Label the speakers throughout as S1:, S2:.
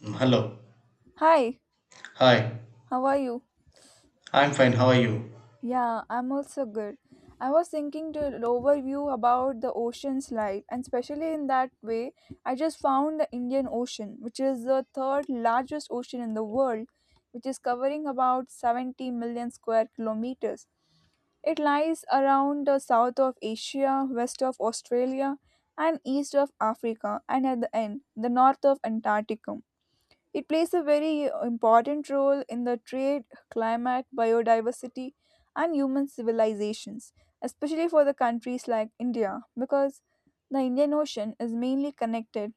S1: Hello.
S2: Hi,
S1: Hi.
S2: how are you?
S1: I'm fine. How are you?
S2: Yeah, I'm also good. I was thinking to overview about the ocean's life, and especially in that way, I just found the Indian Ocean, which is the third largest ocean in the world, which is covering about 70 million square kilometers. It lies around the south of Asia, west of Australia, and east of Africa, and at the end, the north of Antarctica. It plays a very important role in the trade, climate, biodiversity, and human civilizations, especially for the countries like India, because the Indian Ocean is mainly connected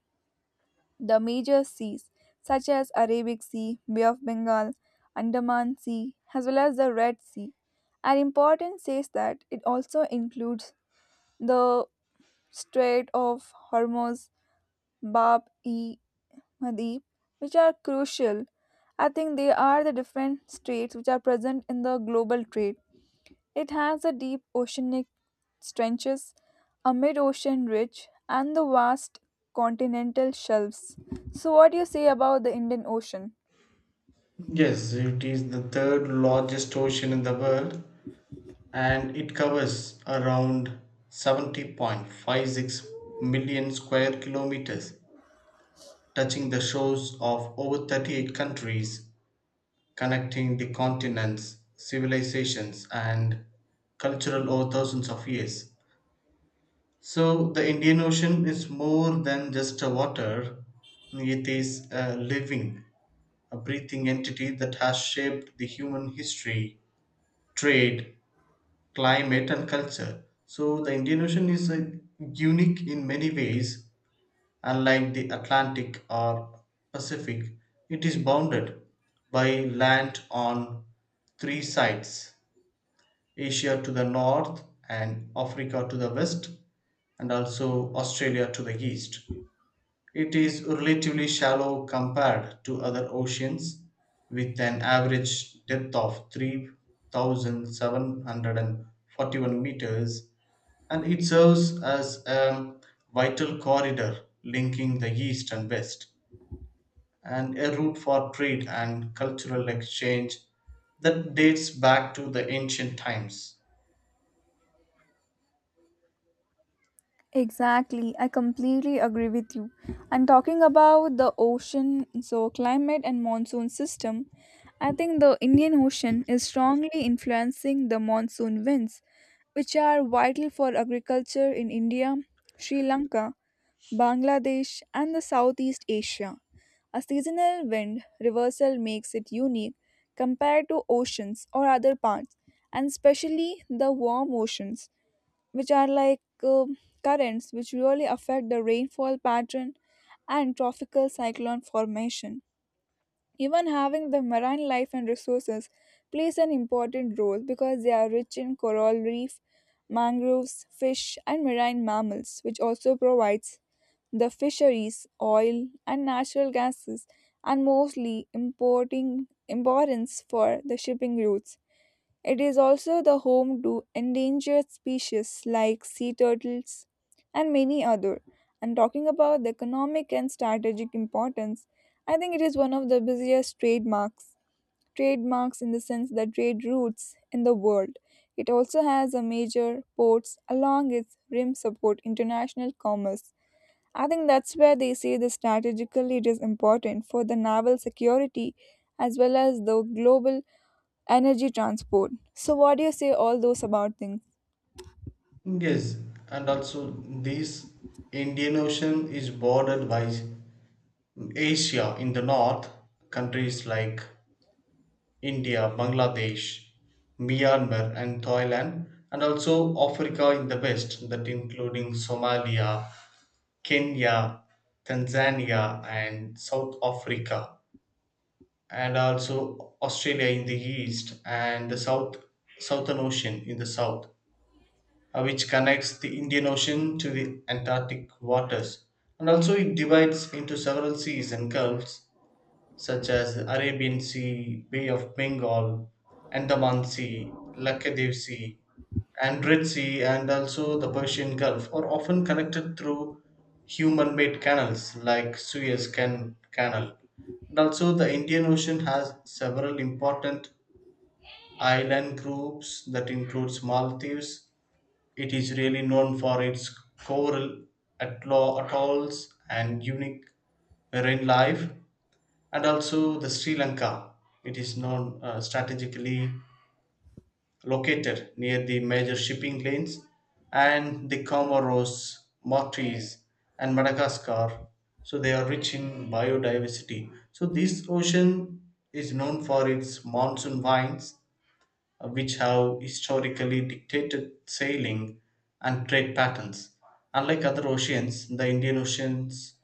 S2: the major seas such as Arabic Sea, Bay of Bengal, Andaman Sea, as well as the Red Sea. Our importance says that it also includes the Strait of Hormuz, Bab e Madhya, which are crucial. I think they are the different straits which are present in the global trade. It has the deep oceanic trenches, a mid-ocean ridge, and the vast continental shelves. So, what do you say about the Indian Ocean?
S1: Yes, it is the third largest ocean in the world and it covers around 70.56 million square kilometers, touching the shores of over 38 countries, connecting the continents, civilizations, and cultural over thousands of years. So the Indian Ocean is more than just a water, it is a living a breathing entity that has shaped the human history, trade, climate, and culture. So the Indian Ocean is unique in many ways. Unlike the Atlantic or Pacific, it is bounded by land on three sides. Asia to the north, and Africa to the west, and also Australia to the east. It is relatively shallow compared to other oceans, with an average depth of 3,741 meters, and it serves as a vital corridor linking the east and west, and a route for trade and cultural exchange that dates back to the ancient times.
S2: Exactly, I completely agree with you. And talking about the ocean, so climate and monsoon system, I think the Indian Ocean is strongly influencing the monsoon winds, which are vital for agriculture in India, Sri Lanka, Bangladesh, and the Southeast Asia. A seasonal wind reversal makes it unique compared to oceans or other parts, and especially the warm oceans which are like um currents which really affect the rainfall pattern and tropical cyclone formation. Even having the marine life and resources plays an important role because they are rich in coral reef, mangroves, fish, and marine mammals, which also provides the fisheries, oil, and natural gases, and mostly importing importance for the shipping routes, it is also the home to endangered species like sea turtles and many other. And talking about the economic and strategic importance, I think it is one of the busiest trademarks. Trademarks in the sense that trade routes in the world. It also has a major ports along its rim support international commerce. I think that's where they say the strategically it is important for the naval security as well as the global energy transport. So, what do you say all those about things?
S1: Yes, and also this Indian Ocean is bordered by Asia in the north, countries like India, Bangladesh, Myanmar, and Thailand, and also Africa in the west, that including Somalia, Kenya, Tanzania, and South Africa, and also Australia in the east and the south, Southern Ocean in the south, which connects the Indian Ocean to the Antarctic waters, and also it divides into several seas and gulfs such as Arabian Sea, Bay of Bengal, Andaman Sea, Lakshadweep Sea, and Red Sea, and also the Persian Gulf, are often connected through human made canals like Canal. And also, the Indian Ocean has several important island groups that includes Maldives. It is really known for its coral atolls and unique marine life, and also the Sri Lanka, it is known, strategically located near the major shipping lanes, and the Comoros, Maltese, and Madagascar. So they are rich in biodiversity. So this ocean is known for its monsoon vines, which have historically dictated sailing and trade patterns. Unlike other oceans, the Indian Ocean's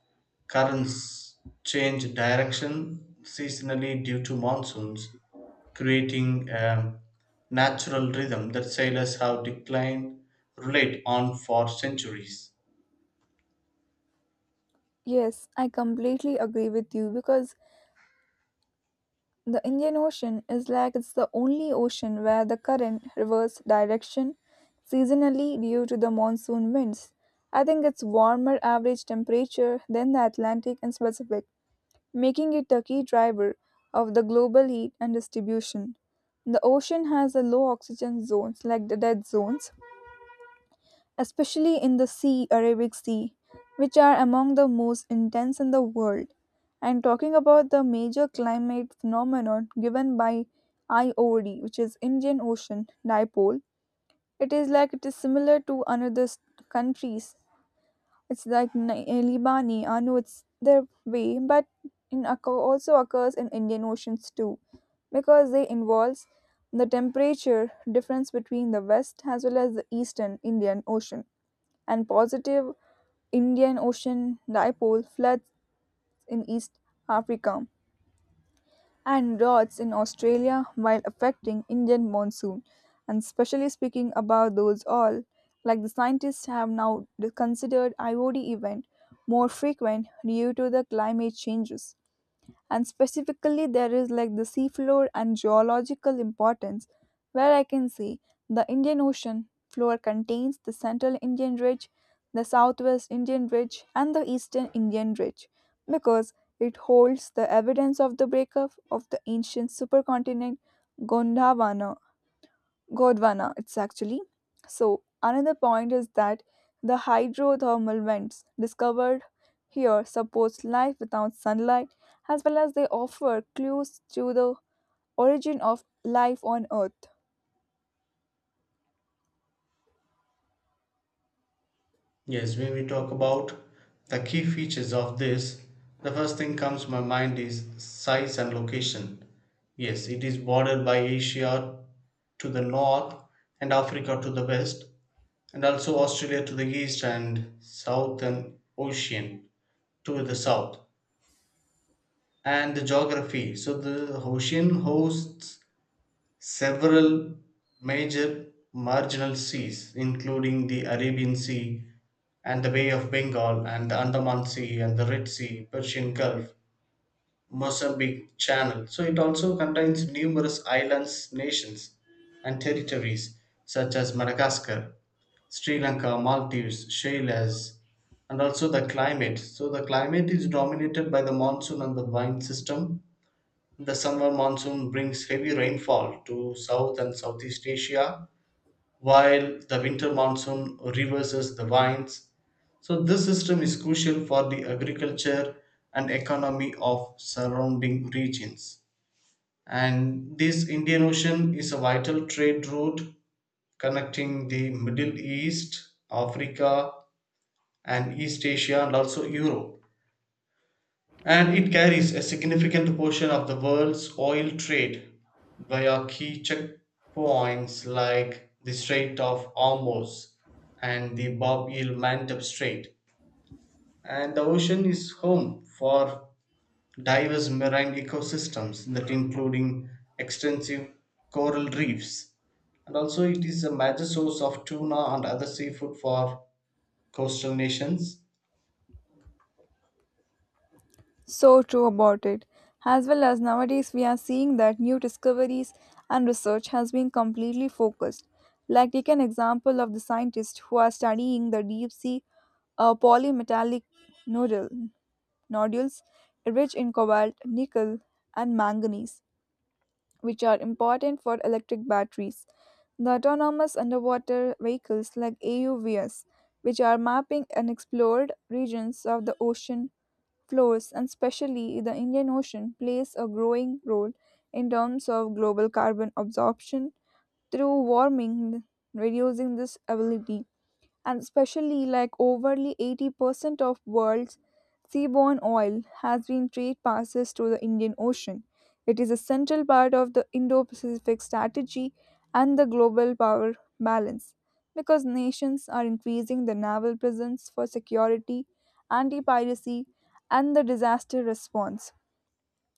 S1: currents change direction seasonally due to monsoons, creating a natural rhythm that sailors have declined relate on for centuries.
S2: Yes, I completely agree with you because the Indian Ocean is like it's the only ocean where the current reverses direction seasonally due to the monsoon winds. I think it's warmer average temperature than the Atlantic and Pacific, making it a key driver of the global heat and distribution. The ocean has a low oxygen zones like the dead zones, especially in the sea, Arabic Sea, which are among the most intense in the world. And talking about the major climate phenomenon given by IOD, which is Indian Ocean Dipole, it is like it is similar to another s- countries. It's like Ni- eh, Libani, I know it's their way, but in occur, also occurs in Indian Oceans too, because they involves the temperature difference between the west as well as the eastern Indian Ocean and positive Indian Ocean dipole floods in East Africa and droughts in Australia while affecting Indian monsoon. And specially speaking about those all, like the scientists have now considered IOD event more frequent due to the climate changes, and specifically there is like the seafloor and geological importance where I can see the Indian Ocean floor contains the central Indian ridge, the southwest Indian ridge, and the eastern Indian ridge, because it holds the evidence of the breakup of the ancient supercontinent Gondwana. Gondwana, it's actually. So, another point is that the hydrothermal vents discovered here supports life without sunlight as well as they offer clues to the origin of life on Earth.
S1: Yes, when we talk about the key features of this, the first thing comes to my mind is size and location. Yes, it is bordered by Asia to the north and Africa to the west, and also Australia to the east and Southern Ocean to the south. And the geography. So the ocean hosts several major marginal seas including the Arabian Sea and the Bay of Bengal and the Andaman Sea and the Red Sea, Persian Gulf, Mozambique Channel. So it also contains numerous islands, nations and territories such as Madagascar, Sri Lanka, Maldives, Seychelles, and also the climate. So the climate is dominated by the monsoon and the vine system. The summer monsoon brings heavy rainfall to South and Southeast Asia, while the winter monsoon reverses the winds. So this system is crucial for the agriculture and economy of surrounding regions. And this Indian Ocean is a vital trade route connecting the Middle East, Africa, and East Asia, and also Europe. And it carries a significant portion of the world's oil trade via key checkpoints like the Strait of Hormuz and the Bab el Mandeb Strait. And the ocean is home for diverse marine ecosystems that including extensive coral reefs. And also it is a major source of tuna and other seafood for coastal nations.
S2: So true about it. As well as nowadays we are seeing that new discoveries and research has been completely focused. Like take an example of the scientists who are studying the deep sea polymetallic noodle nodules, rich in cobalt, nickel, and manganese, which are important for electric batteries. The autonomous underwater vehicles like AUVs, which are mapping unexplored regions of the ocean floors, and especially the Indian Ocean, plays a growing role in terms of global carbon absorption through warming, reducing this ability, and especially like overly 80% of world's seaborne oil has been trade passes through the Indian Ocean. It is a central part of the Indo-Pacific strategy and the global power balance because nations are increasing their naval presence for security, anti-piracy and the disaster response.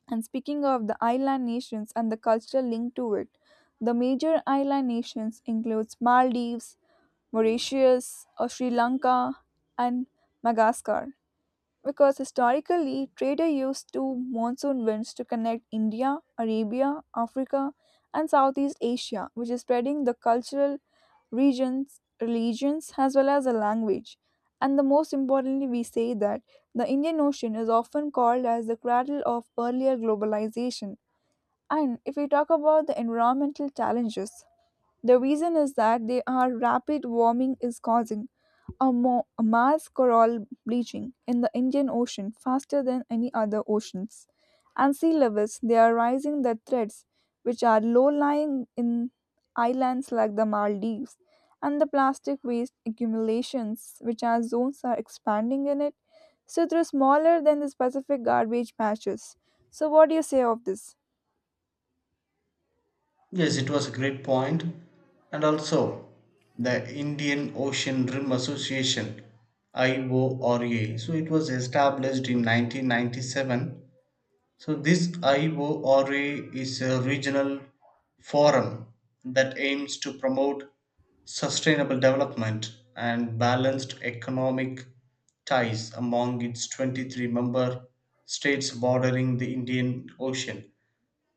S2: And speaking of the island nations and the cultural link to it, the major island nations includes Maldives, Mauritius, or Sri Lanka, and Madagascar, because historically traders used two monsoon winds to connect India, Arabia, Africa, and Southeast Asia, which is spreading the cultural regions, religions, as well as the language. And the most importantly, we say that the Indian Ocean is often called as the cradle of earlier globalization. And if we talk about the environmental challenges, the reason is that they are rapid warming is causing a mass coral bleaching in the Indian Ocean faster than any other oceans. And sea levels, they are rising the threats which are low-lying in islands like the Maldives, and the plastic waste accumulations which are zones are expanding in it. So they're smaller than the specific garbage patches. So what do you say of this?
S1: Yes, it was a great point. And also, the Indian Ocean Rim Association, IORA. So it was established in 1997. So this IORA is a regional forum that aims to promote sustainable development and balanced economic ties among its 23-member states bordering the Indian Ocean,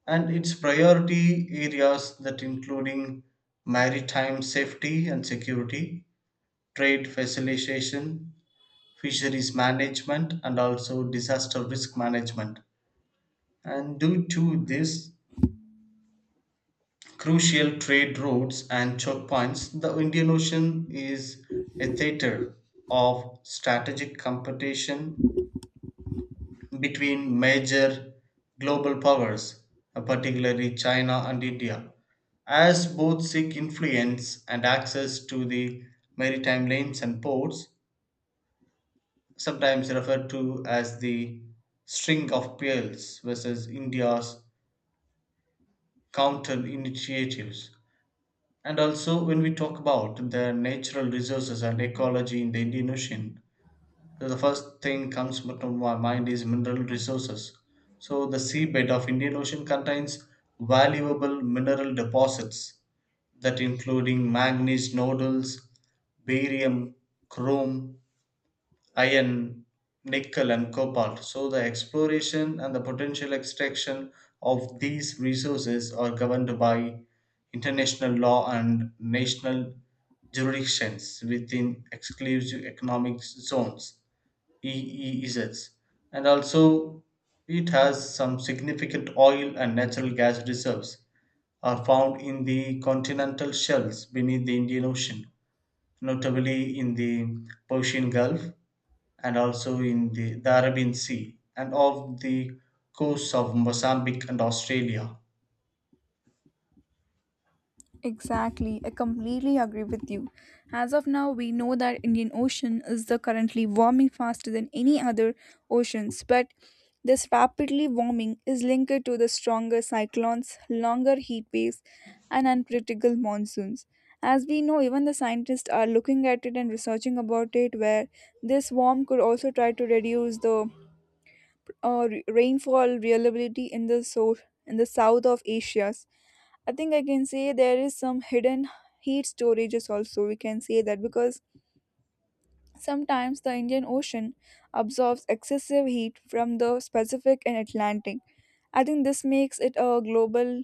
S1: and its priority areas that including maritime safety and security, trade facilitation, fisheries management and also disaster risk management. And due to this crucial trade routes and choke points, the Indian Ocean is a theater of strategic competition between major global powers, particularly China and India, as both seek influence and access to the maritime lanes and ports, sometimes referred to as the String of Pearls versus India's counter initiatives. And also, when we talk about the natural resources and ecology in the Indian Ocean, so the first thing comes to my mind is mineral resources. So the seabed of Indian Ocean contains valuable mineral deposits that including manganese nodules, barium, chrome, iron, nickel and cobalt. So the exploration and the potential extraction of these resources are governed by international law and national jurisdictions within exclusive economic zones, EEZ. And also, it has some significant oil and natural gas reserves are found in the continental shelves beneath the Indian Ocean, notably in the Persian Gulf and also in the Arabian Sea and off the coasts of Mozambique and Australia.
S2: Exactly, I completely agree with you. As of now, we know that Indian Ocean is the currently warming faster than any other oceans, but this rapidly warming is linked to the stronger cyclones, longer heat waves, and unpredictable monsoons. As we know, even the scientists are looking at it and researching about it, where this warm could also try to reduce the rainfall reliability in the so in the south of Asia. I think I can say there is some hidden heat storages also. We can say that because sometimes the Indian Ocean absorbs excessive heat from the Pacific and Atlantic. I think this makes it a global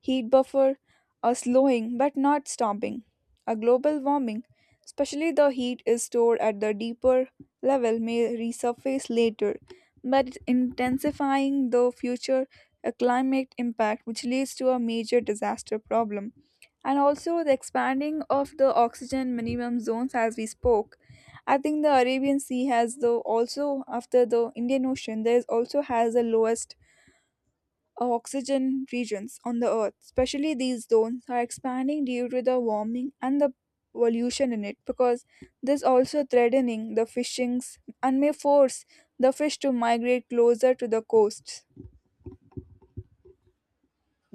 S2: heat buffer, a slowing but not stopping. A global warming, especially the heat is stored at the deeper level, may resurface later, but intensifying the future a climate impact which leads to a major disaster problem, and also the expanding of the oxygen minimum zones as we spoke. I think the Arabian Sea has the also after the Indian Ocean there is also has the lowest of oxygen regions on the Earth, especially these zones, are expanding due to the warming and the pollution in it because this also threatening the fishings and may force the fish to migrate closer to the coasts.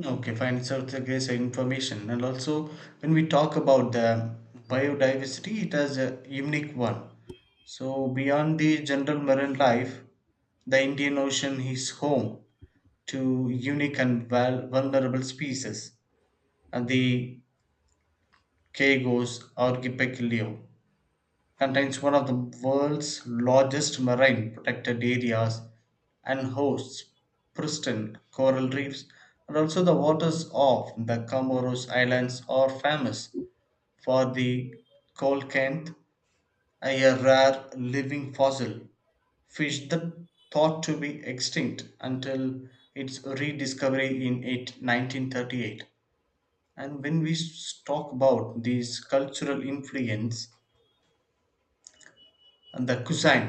S1: Okay, fine. So it's a great information. And also, when we talk about the biodiversity, it has a unique one. So beyond the general marine life, the Indian Ocean is home to unique and vulnerable species, and the Kagos archipelago contains one of the world's largest marine protected areas and hosts pristine coral reefs, and also the waters of the Comoros Islands are famous for the coelacanth, a rare living fossil fish that thought to be extinct until its rediscovery in 1938. And when we talk about these cultural influence and the cuisine,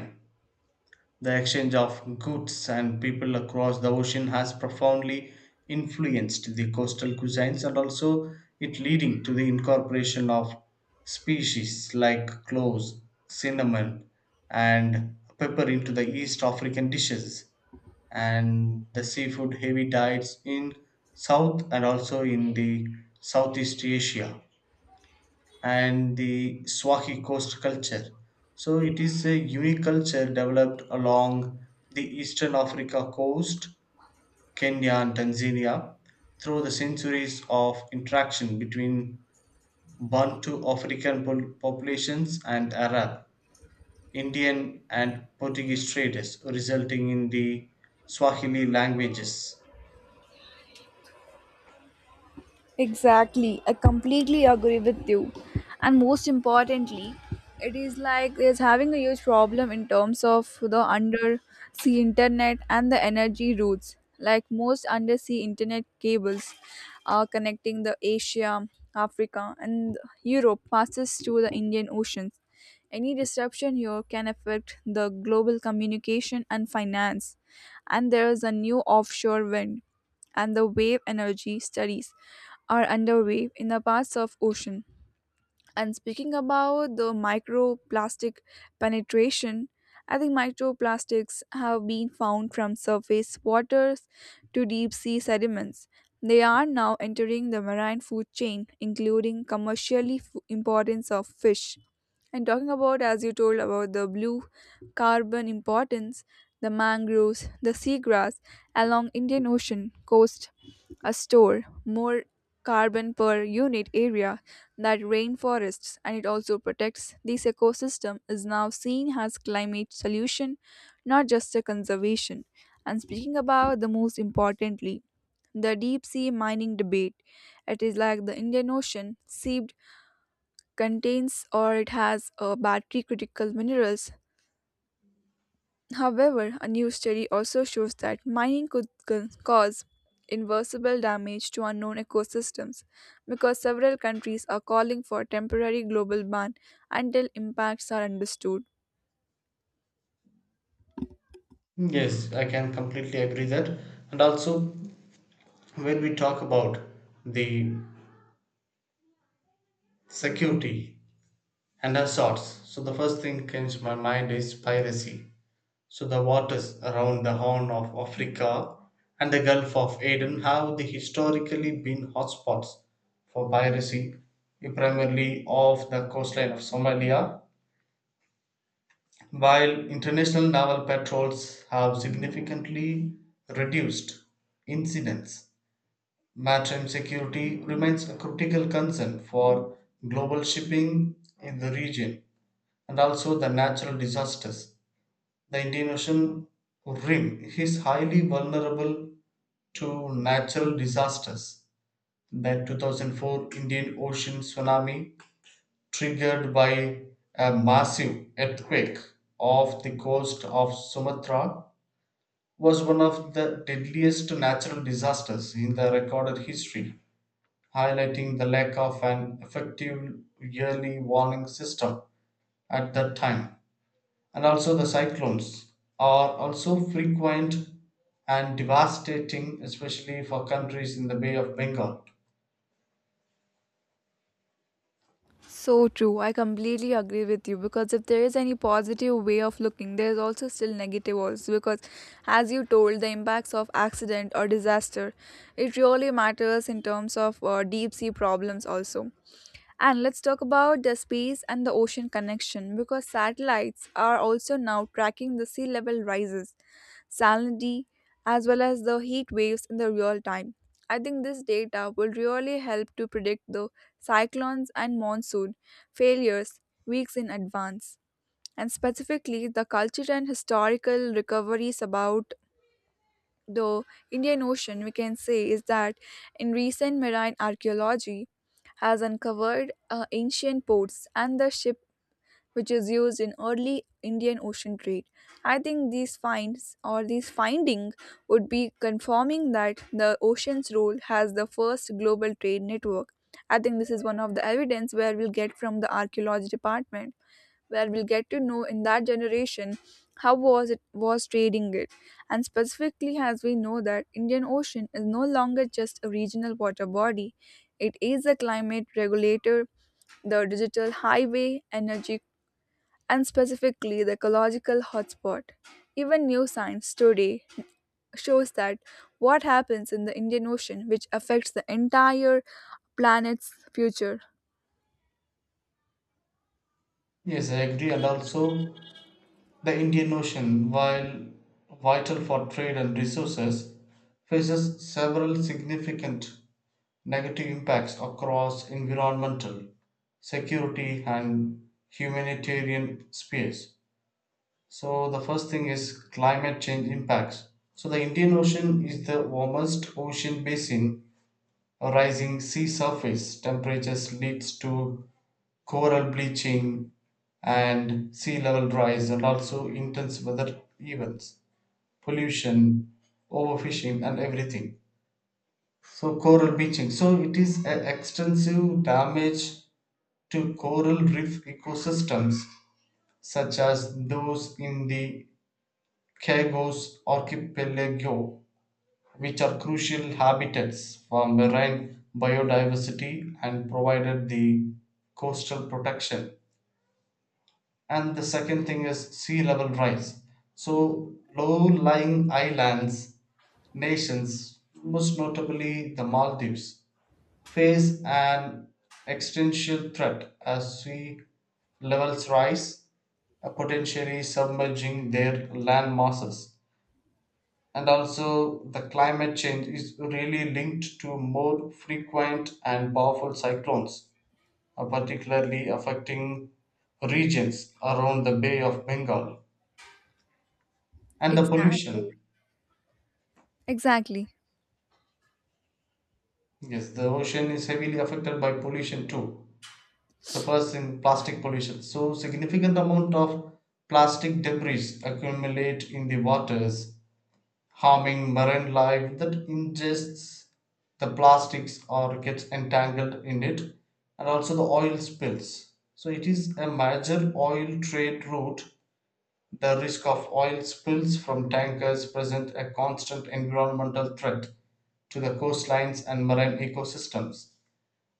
S1: the exchange of goods and people across the ocean has profoundly influenced the coastal cuisines, and also it leading to the incorporation of species like cloves, cinnamon and pepper into the East African dishes and the seafood heavy diets in South and also in the Southeast Asia and the Swahili Coast culture. So it is a unique culture developed along the eastern Africa coast, Kenya and Tanzania, through the centuries of interaction between Bantu African populations and Arab, Indian and Portuguese traders, resulting in the Swahili languages.
S2: Exactly. I completely agree with you. And most importantly, it is like it's having a huge problem in terms of the undersea internet and the energy routes. Like most undersea internet cables are connecting the Asia, Africa and Europe passes through the Indian Oceans. Any disruption here can affect the global communication and finance. And there is a new offshore wind and the wave energy studies are underway in the parts of ocean, and speaking about the microplastic penetration, I think microplastics have been found from surface waters to deep sea sediments. They are now entering the marine food chain, including commercially f- importance of fish. And talking about, as you told about the blue carbon importance, the mangroves, the seagrass along Indian Ocean coast, a store more carbon per unit area that rainforests, and it also protects this ecosystem is now seen as climate solution, not just a conservation. And speaking about the most importantly, the deep sea mining debate, it is like the Indian Ocean seabed contains or it has a battery critical minerals. However, a new study also shows that mining could cause irreversible damage to unknown ecosystems because several countries are calling for a temporary global ban until impacts are understood.
S1: Yes, I can completely agree that. And also, when we talk about the security and assaults. So the first thing comes to my mind is piracy. So the waters around the Horn of Africa and the Gulf of Aden have the historically been hotspots for piracy, primarily off the coastline of Somalia, while international naval patrols have significantly reduced incidents. Maritime security remains a critical concern for global shipping in the region. And also the natural disasters. The Indian Ocean rim is highly vulnerable to natural disasters. The 2004 Indian Ocean tsunami, triggered by a massive earthquake off the coast of Sumatra, was one of the deadliest natural disasters in the recorded history, highlighting the lack of an effective yearly warning system at that time. And also the cyclones are also frequent and devastating, especially for countries in the Bay of Bengal.
S2: So true, I completely agree with you because if there is any positive way of looking, there is also still negative also because as you told the impacts of accident or disaster, it really matters in terms of deep sea problems also. And let's talk about the space and the ocean connection because satellites are also now tracking the sea level rises, salinity, as well as the heat waves in the real time. I think this data will really help to predict the cyclones and monsoon failures weeks in advance. And specifically, the cultural and historical recoveries about the Indian Ocean, we can say, is that in recent marine archaeology has uncovered ancient ports and the ship which is used in early Indian Ocean trade. I think these finds or these finding would be confirming that the ocean's role has the first global trade network. I think this is one of the evidence where we'll get from the archaeology department where we'll get to know in that generation how was it was trading it. And specifically, as we know that Indian Ocean is no longer just a regional water body, it is a climate regulator, the digital highway energy, and specifically the ecological hotspot. Even new science today shows that what happens in the Indian Ocean, which affects the entire planet's future.
S1: Yes, I agree, and also the Indian Ocean, while vital for trade and resources, faces several significant negative impacts across environmental, security, and humanitarian spheres. So the first thing is climate change impacts. So the Indian Ocean is the warmest ocean basin. A rising sea surface temperatures leads to coral bleaching and sea level rise and also intense weather events, pollution, overfishing and everything. So coral bleaching. So it is an extensive damage to coral reef ecosystems such as those in the Kagos archipelago, which are crucial habitats for marine biodiversity and provided the coastal protection. And the second thing is sea level rise. So, low lying islands, nations, most notably the Maldives, face an existential threat as sea levels rise, potentially submerging their land masses, and also the climate change is really linked to more frequent and powerful cyclones, particularly affecting regions around the Bay of Bengal and the
S2: Exactly.
S1: pollution.
S2: Exactly.
S1: Yes, the ocean is heavily affected by pollution too. The first in plastic pollution. So significant amount of plastic debris accumulate in the waters, harming marine life that ingests the plastics or gets entangled in it, and also the oil spills. So, it is a major oil trade route. The risk of oil spills from tankers present a constant environmental threat to the coastlines and marine ecosystems,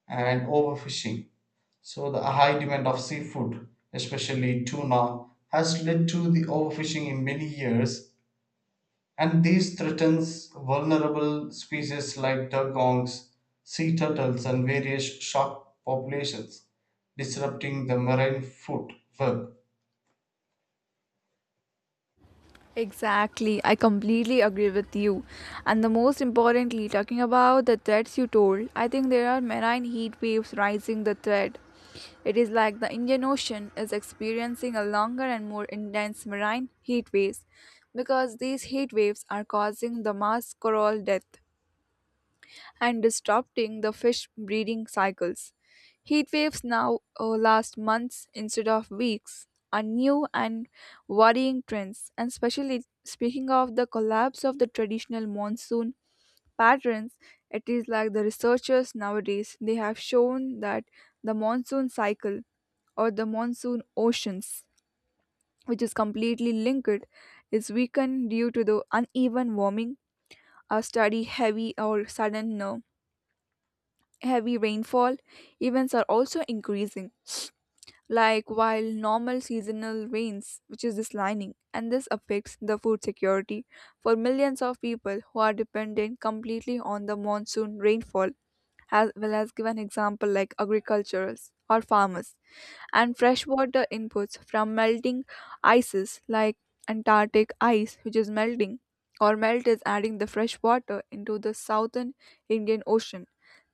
S1: and overfishing. So, the high demand of seafood, especially tuna, has led to the overfishing in many years, and these threatens vulnerable species like duck owls, sea turtles, and various shark populations, disrupting the marine food web.
S2: Exactly, I completely agree with you. And the most importantly, talking about the threats you told, I think there are marine heat waves rising the threat. It is like the Indian Ocean is experiencing a longer and more intense marine heat waves because these heat waves are causing the mass coral death and disrupting the fish breeding cycles. Heat waves now last months instead of weeks, are new and worrying trends. And especially speaking of the collapse of the traditional monsoon patterns, it is like the researchers nowadays they have shown that the monsoon cycle or the monsoon oceans, which is completely linked, is weakened due to the uneven warming a study heavy or sudden heavy rainfall events are also increasing, like while normal seasonal rains, which is declining, and this affects the food security for millions of people who are dependent completely on the monsoon rainfall, as well as give an example like agriculturals or farmers and freshwater inputs from melting ices like Antarctic ice, which is melting, or melt is adding the fresh water into the southern Indian Ocean.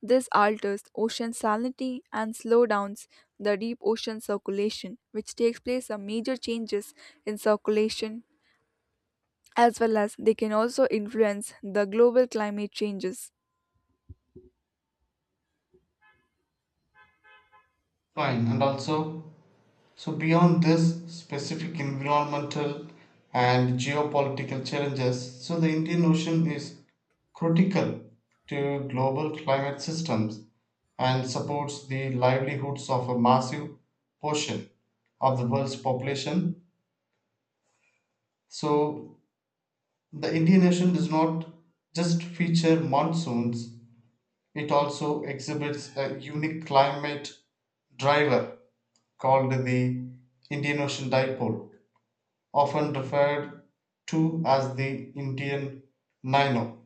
S2: This alters ocean salinity and slow downs the deep ocean circulation, which takes place a major changes in circulation as well as they can also influence the global climate changes.
S1: Fine, and also, so beyond this specific environmental and geopolitical challenges, so the Indian Ocean is critical to global climate systems and supports the livelihoods of a massive portion of the world's population. So, the Indian Ocean does not just feature monsoons, it also exhibits a unique climate driver called the Indian Ocean Dipole, often referred to as the Indian Nino.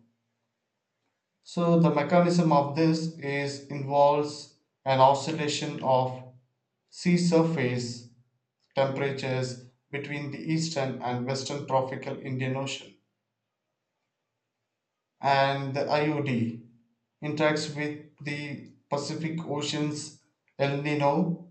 S1: So the mechanism of this is involves an oscillation of sea surface temperatures between the eastern and western tropical Indian Ocean. And the IOD interacts with the Pacific Ocean's El Nino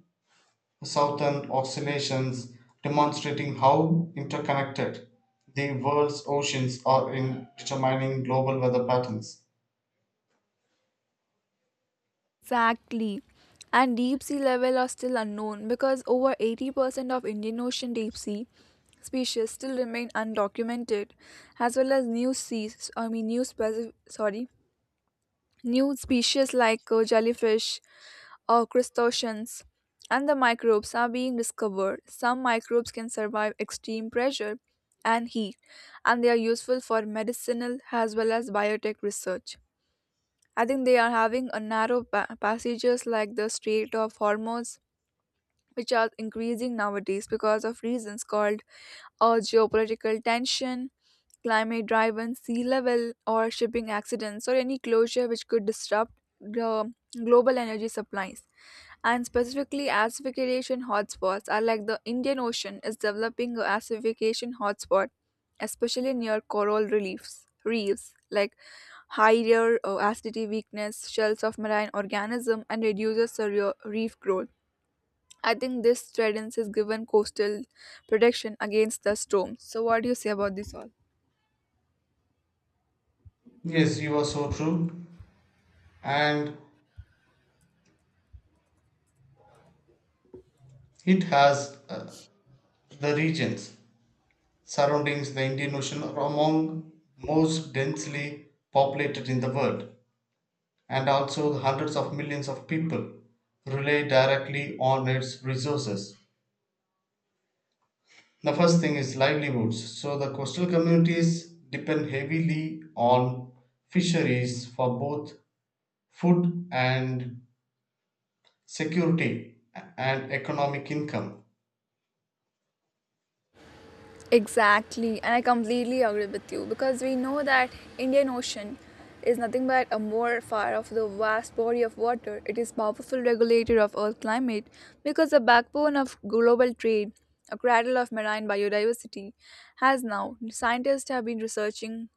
S1: Southern Oscillations, demonstrating how interconnected the world's oceans are in determining global weather patterns.
S2: Exactly. And deep sea level are still unknown because over 80% of Indian Ocean deep sea species still remain undocumented, as well as new seas, I mean new sorry, new species like jellyfish or crustaceans and the microbes are being discovered. Some microbes can survive extreme pressure and heat and they are useful for medicinal as well as biotech research. I think they are having a narrow passages like the Strait of Hormuz, which are increasing nowadays because of reasons called geopolitical tension, climate-driven sea level, or shipping accidents, or any closure which could disrupt the global energy supplies. And specifically, acidification hotspots are like the Indian Ocean is developing a acidification hotspot, especially near coral reliefs, reefs like higher acidity weakness, shells of marine organism, and reduces the reef growth. I think this threatens is given coastal protection against the storms. So, what do you say about this all?
S1: Yes, you are so true. And it has, the regions surrounding the Indian Ocean are among most densely populated in the world. And also hundreds of millions of people rely directly on its resources. The first thing is livelihoods. So the coastal communities depend heavily on fisheries for both food and security and economic income.
S2: Exactly, and I completely agree with you because we know that Indian Ocean is nothing but a morpher of the vast body of water. It is powerful regulator of Earth climate because the backbone of global trade, a cradle of marine biodiversity, has now scientists have been researching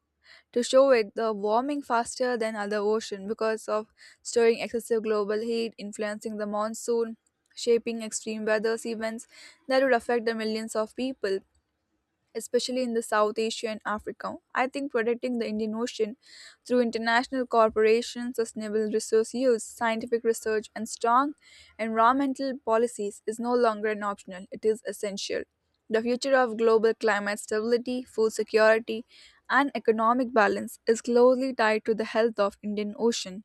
S2: to show it the warming faster than other ocean because of storing excessive global heat, influencing the monsoon, shaping extreme weather events that would affect the millions of people especially in the South Asia and Africa. I think protecting the Indian Ocean through international cooperation, sustainable resource use, scientific research, and strong environmental policies is no longer an optional, it is essential. The future of global climate stability, food security, and economic balance is closely tied to the health of Indian Ocean.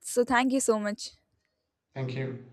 S2: So thank you so much.
S1: Thank you.